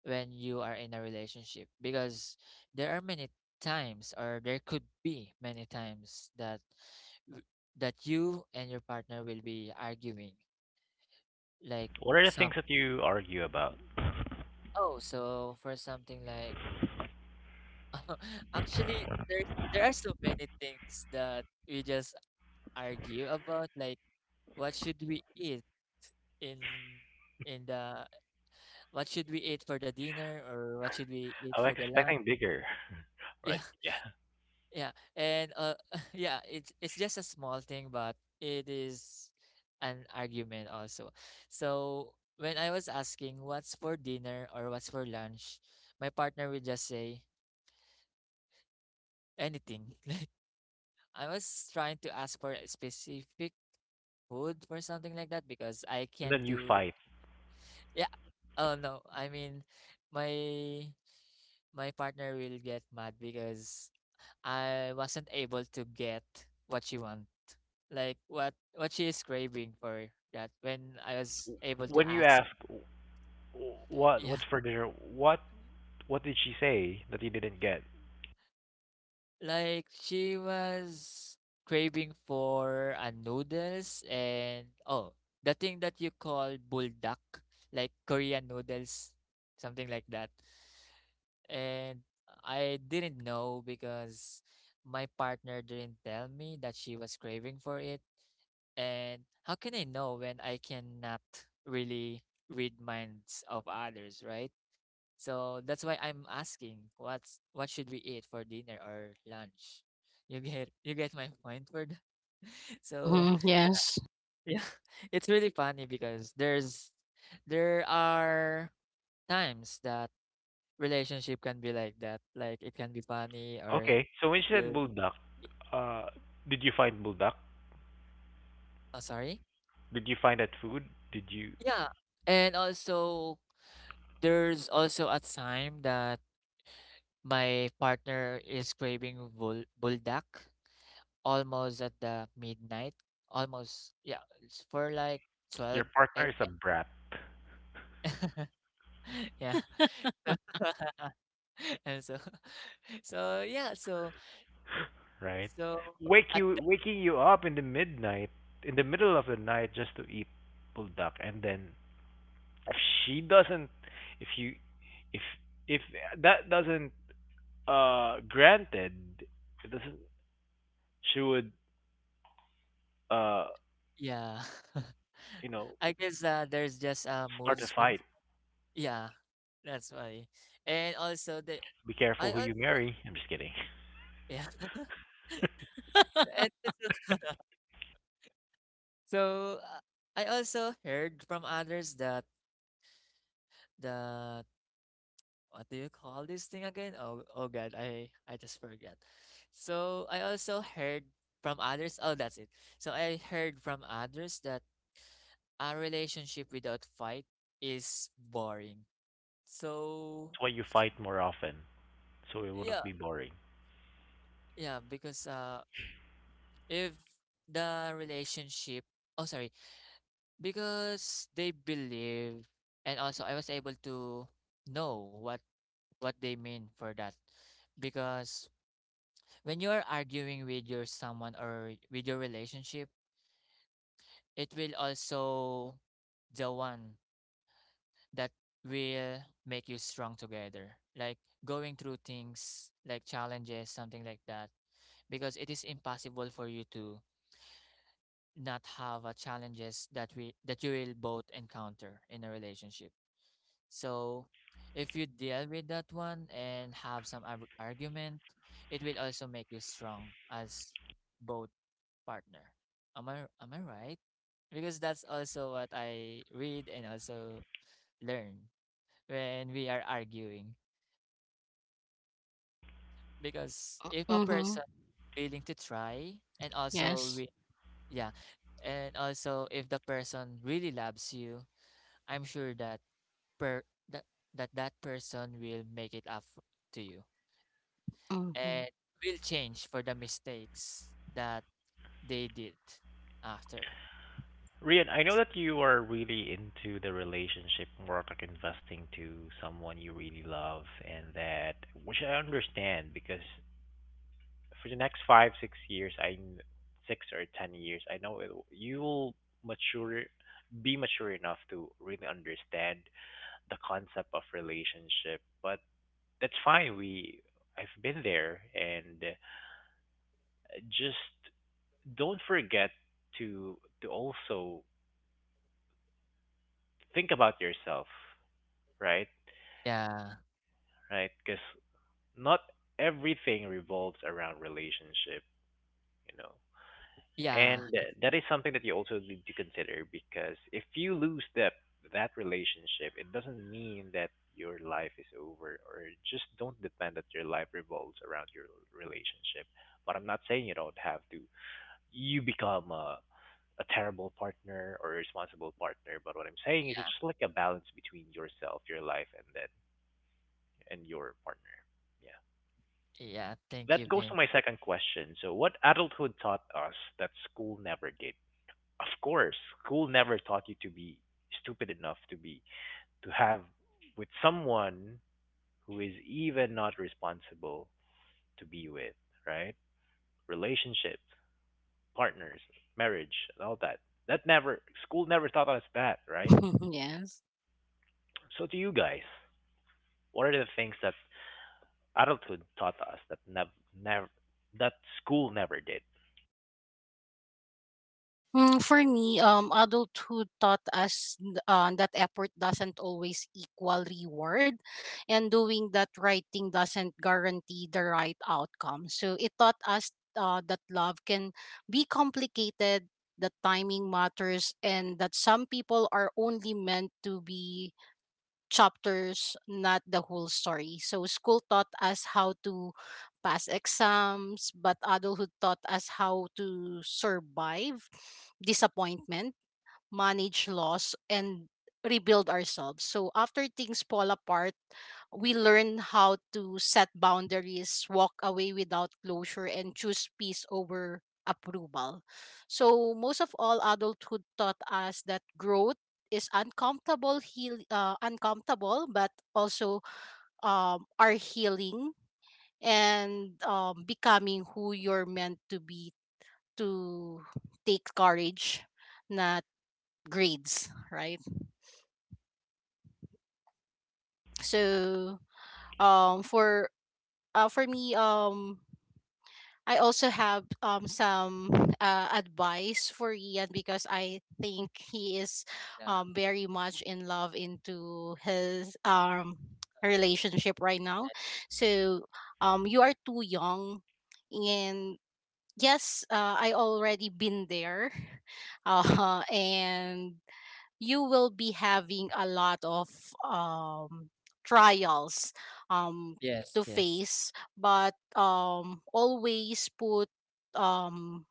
S2: when you are in a relationship because there are many times or there could be many times that w- that you and your partner will be arguing, like
S1: What are the things
S2: some
S1: that you argue about?
S2: oh so for something like actually, there are so many things that we just argue about, like what should we eat in in the what should we eat for the dinner or what should we eat
S1: I was
S2: for the lunch?
S1: expecting bigger, right?
S2: Yeah,
S1: Yeah,
S2: yeah, and yeah, it's just a small thing, but it is an argument also. So when I was asking what's for dinner or what's for lunch, my partner would just say anything. Like I was trying to ask for a specific food for something like that because I
S1: and
S2: can
S1: then you
S2: do
S1: fight.
S2: yeah. Oh no, I mean my my partner will get mad because I wasn't able to get what she want. Like what she is craving for that when I was able to
S1: When you
S2: ask.
S1: ask, What?
S2: Yeah.
S1: What's for dinner? What? What did she say that you didn't get?"
S2: Like she was craving for noodles and oh, the thing that you call buldak, like Korean noodles, something like that, and I didn't know because my partner didn't tell me that she was craving for it. And how can I know when I cannot really read minds of others, right? So that's why I'm asking what's what should we eat for dinner or lunch? You get my point for that? So
S3: Mm-hmm. Yes.
S2: yeah, it's really funny because there are times that relationship can be like that. Like it can be funny or
S1: Okay, so when
S2: it
S1: she said
S2: will
S1: bulldog,
S2: be,
S1: uh, did you find bulldog?
S2: oh sorry.
S1: Did you find that food? Did you?
S2: Yeah. And also there's also a time that my partner is craving buldak almost at the midnight. Almost yeah, it's for like
S1: Your
S2: 12
S1: partner is a
S2: a.m.
S1: brat,
S2: Yeah. And so so yeah, so
S1: right?
S2: so at the,
S1: Waking you up in the middle of the night, just to eat buldak, and then if she doesn't, if you, if if that doesn't, granted, it doesn't, she would, uh,
S2: yeah.
S1: you know,
S2: I guess there's just a mood
S1: start a
S2: swing.
S1: fight.
S2: Yeah, that's why. And also the
S1: Be
S2: I
S1: careful who you
S2: also
S1: marry. I'm just kidding. That's
S2: yeah. And also, so I also heard from others that what do you call this thing again? Oh God, I just forget. So I also heard from others. Oh, that's it. So I heard from others that a relationship without fight is boring. So
S1: why you fight more often, so it wouldn't
S2: yeah,
S1: be boring.
S2: yeah, because if the relationship oh sorry because they believe and also I was able to know what they mean for that because when you are arguing with your someone or with your relationship it will also the one that will make you strong together, like going through things like challenges something like that because it is impossible for you to not have a challenges that we that you will both encounter in a relationship. So if you deal with that one and have some argument, it will also make you strong as both partner. Am I right? Because that's also what I read and also learn when we are arguing. Because if a
S3: Mm-hmm.
S2: person willing to try and also
S3: Yes.
S2: yeah, and also if the person really loves you, I'm sure that per that that person will make it up to you
S3: Mm-hmm.
S2: and will change for the mistakes that they did after.
S1: Rian, I know that you are really into the relationship work, like investing to someone you really love, and that, which I understand because for the next five, 6 years, 6 or 10 years, I know it, you will mature, be mature enough to really understand the concept of relationship. But that's fine. I've been there, and just don't forget to also think about yourself, right?
S2: Yeah.
S1: Right? Because not everything revolves around relationship, you know. And
S2: Yeah.
S1: that is something that you also need to consider because if you lose that relationship, it doesn't mean that your life is over, or just don't depend that your life revolves around your relationship. But I'm not saying you don't have to. You become a terrible partner or a responsible partner, but what I'm saying is it's
S2: Yeah.
S1: just like a balance between yourself, your life, and your partner. Yeah.
S2: Yeah. Thank
S1: That
S2: you,
S1: goes to
S2: Vin.
S1: my second question. So, what adulthood taught us that school never did? Of course, school never taught you to be stupid enough to have with someone who is even not responsible to be with, right? Relationships, partners, marriage, and all that. That never school never taught us that, right?
S3: Yes.
S1: So, to you guys, what are the things that adulthood taught us that never never that school never did?
S3: Mm, for me, adulthood taught us that effort doesn't always equal reward, and doing that right thing doesn't guarantee the right outcome. So it taught us that love can be complicated, that timing matters, and that some people are only meant to be chapters, not the whole story. So school taught us how to pass exams, but adulthood taught us how to survive disappointment, manage loss, and rebuild ourselves. So after things fall apart, we learn how to set boundaries, walk away without closure, and choose peace over approval. So most of all, adulthood taught us that growth is uncomfortable, uncomfortable, but also are healing, and becoming who you're meant to be, to take courage, not grades, right? So for, for me, I also have some advice for Ian, because I think he is
S2: Yeah.
S3: very much in love into his relationship right now. So you are too young, and yes, I already been there, and you will be having a lot of um, trials um,
S2: Yes.
S3: to
S2: Yes.
S3: face, but always put um,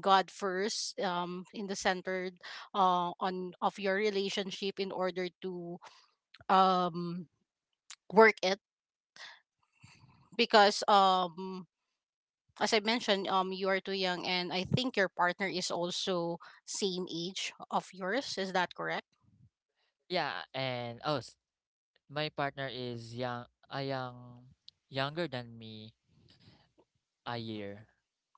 S3: God first, in the center, on of your relationship, in order to um, work it, because, as I mentioned, you are too young, and I think your partner is also same age of yours. Is that correct?
S2: Yeah. And oh, my partner is young, younger than me a year,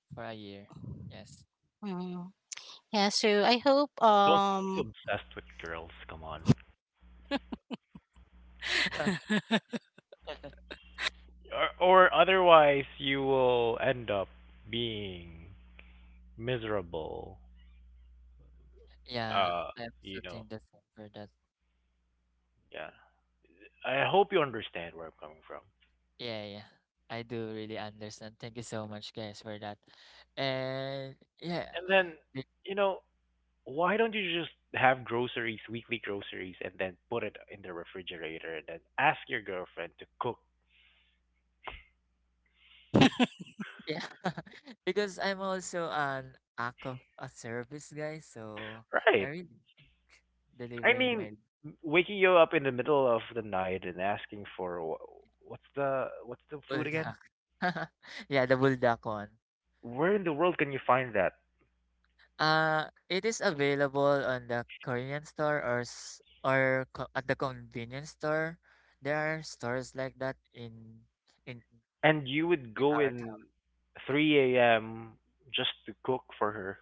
S2: for a year. Yes.
S3: Mm. Yeah. So I hope.
S1: Don't be too obsessed with girls. Come on. Or otherwise you will end up being miserable.
S2: yeah.
S1: Uh,
S2: I
S1: you
S2: also
S1: know,
S2: think the same for that.
S1: yeah. I hope you understand where I'm coming from.
S2: Yeah. Yeah. I do really understand. Thank you so much, guys, for that. And yeah.
S1: And then, you know, why don't you just have groceries, weekly groceries, and then put it in the refrigerator and then ask your girlfriend to cook?
S2: Yeah, because I'm also an act of a service guy, so I
S1: Right.
S2: really like
S1: I
S2: delivering
S1: mean,
S2: my
S1: waking you up in the middle of the night and asking for what's the food again?
S2: bulldog. Yeah, the bulldog one.
S1: Where in the world can you find that?
S2: It is available on the Korean store or co at the convenience store. There are stores like that in
S1: And you would
S2: in
S1: go
S2: our town.
S1: in 3 a.m. just to cook for her,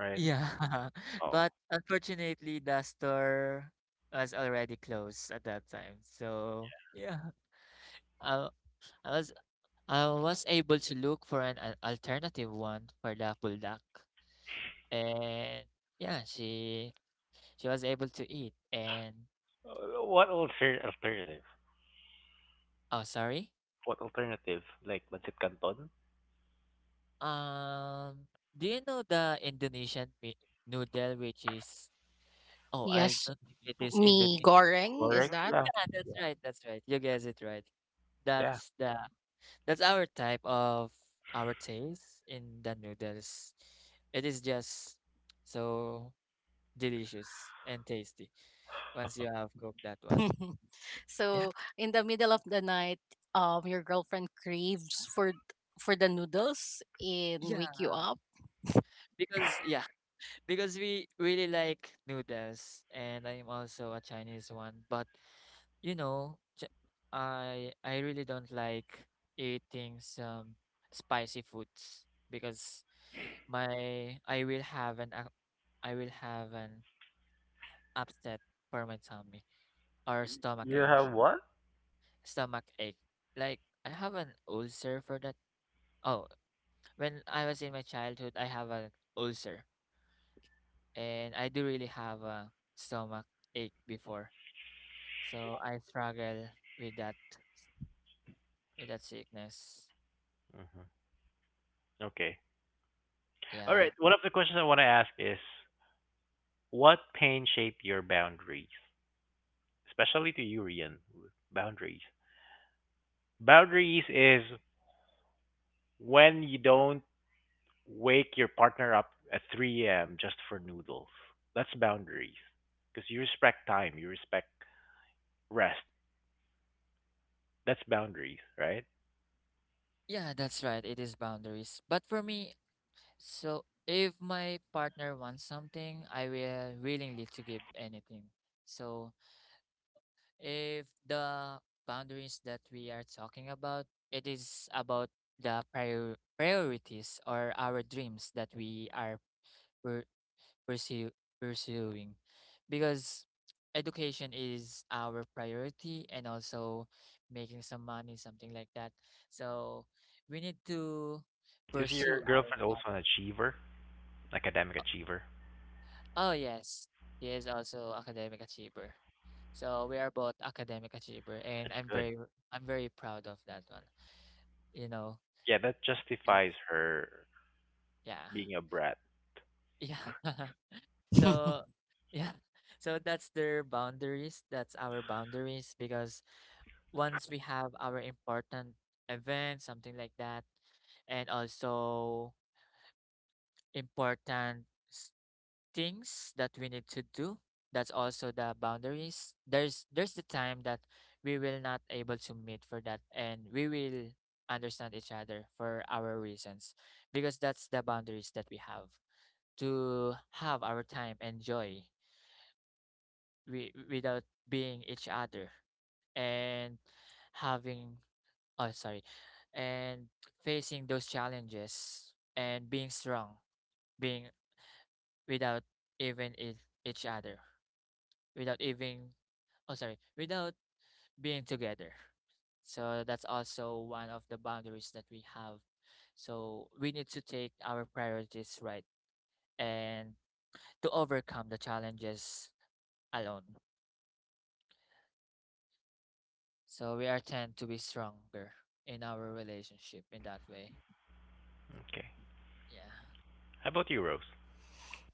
S1: right?
S2: Yeah,
S1: Oh.
S2: but unfortunately, the store was already closed at that time. So yeah, I I was I was able to look for an alternative one for the buldak, and yeah, she was able to eat. And
S1: What alternative?
S2: oh, sorry.
S1: What alternative? Like Pancit Canton?
S2: Um, do you know the Indonesian noodle, which is oh, I
S3: Yes,
S2: don't think it is
S3: me
S2: Indonesian.
S3: goreng
S1: Goreng,
S3: is that.
S1: yeah.
S2: Yeah, that's
S1: Yeah.
S2: right. That's right. You guessed it right.
S1: Yeah.
S2: That's the that's our type of our taste in the noodles. It is just so delicious and tasty once you have cooked that one. Yeah.
S3: So in the middle of the night, your girlfriend craves for the noodles and
S2: Yeah.
S3: wake you up.
S2: Because yeah, because we really like noodles and I'm also a Chinese one, but you know, I really don't like eating some spicy foods because my I will have an I will have an upset for my tummy or stomach
S1: You
S2: ache.
S1: have what?
S2: Stomach ache. Like I have an ulcer for that. Oh, when I was in my childhood, I have an ulcer, and I do really have a stomach ache before, so I struggle with that with that sickness.
S1: hmm Okay. All
S2: Yeah,
S1: right. One of the questions I want to ask is what pain shape your boundaries? Especially to you, Rian. Boundaries. Boundaries is when you don't wake your partner up at 3 a.m. just for noodles. That's boundaries. Because you respect time, you respect rest. That's boundaries, right?
S2: yeah, that's right. It is boundaries, but for me, so if my partner wants something, I will willingly to give anything. So if the boundaries that we are talking about, it is about the priorities or our dreams that we are we're pursue pursuing because education is our priority and also making some money something like that, so we need to
S1: Is your
S2: pursue our
S1: girlfriend also
S2: path.
S1: an achiever, academic achiever?
S2: Oh yes, he is also academic achiever, so we are both academic achiever and
S1: That's
S2: i'm
S1: good.
S2: very i'm very proud of that one, you know,
S1: Yeah, that
S2: because
S1: justifies her
S2: yeah,
S1: being a brat.
S2: yeah. So yeah, so that's their boundaries that's our boundaries because once we have our important event, something like that, and also important s- things that we need to do. That's also the boundaries. There's the time that we will not able to meet for that, and we will understand each other for our reasons, because that's the boundaries that we have to have our time and joy we, without being each other and having oh sorry and facing those challenges and being strong being without even it, each other without even oh sorry without being together, so that's also one of the boundaries that we have, so we need to take our priorities right and to overcome the challenges alone, so we are tend to be stronger in our relationship in that way.
S1: Okay.
S2: Yeah.
S1: How about you, Rose?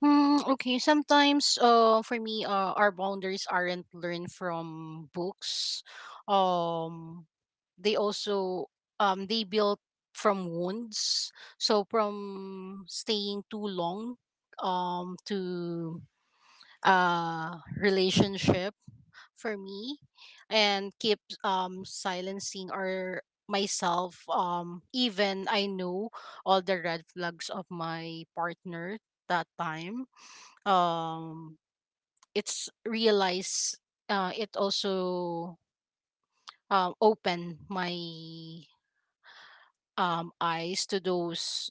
S3: Mm, okay, sometimes for me, our boundaries aren't learned from books. Um they also, they built from wounds. So from staying too long, to relationship for me, and keep silencing our myself, even I know all the red flags of my partner that time. um it's realize, it also opened my eyes to those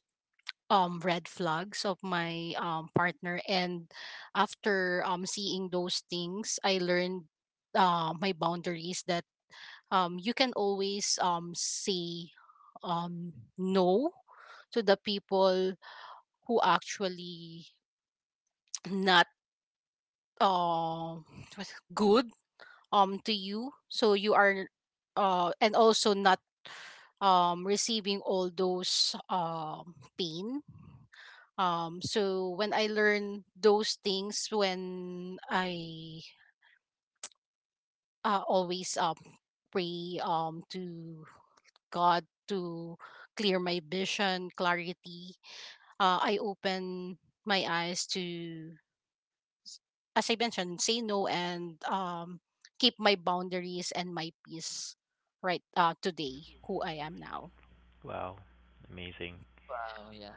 S3: red flags of my partner, and after seeing those things, I learned my boundaries, that you can always say um no to the people who actually not um good to you. So you are and also not receiving all those pain. So when I learn those things, when I always pray to God to clear my vision clarity, I open my eyes to, as I mentioned, say no, and keep my boundaries and my peace, right, today, who I am now.
S1: Wow, amazing.
S2: Wow. Yeah.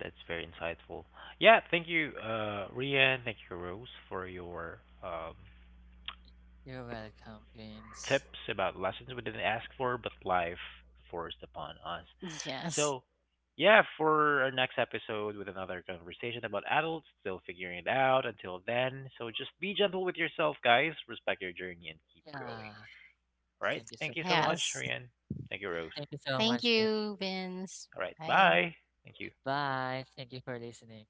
S1: That's very insightful. Yeah, thank you, Rian. Thank you, Rose, for your um,
S2: You're welcome, Vince.
S1: tips about lessons we didn't ask for, but life forced upon us.
S3: Yes.
S1: So, yeah, for our next episode with another conversation about adults, still figuring it out until then. So, just be gentle with yourself, guys. Respect your journey and keep
S2: Yeah,
S1: growing. All right.
S2: thank you so
S1: Thank you so
S2: much.
S1: much,
S3: Yes.
S1: Rian. Thank you, Rose.
S2: Thank you so
S3: Thank
S2: much, Vince.
S3: you, Vince.
S1: All right.
S3: Bye.
S1: Bye. Thank you.
S2: Bye. Thank you for listening.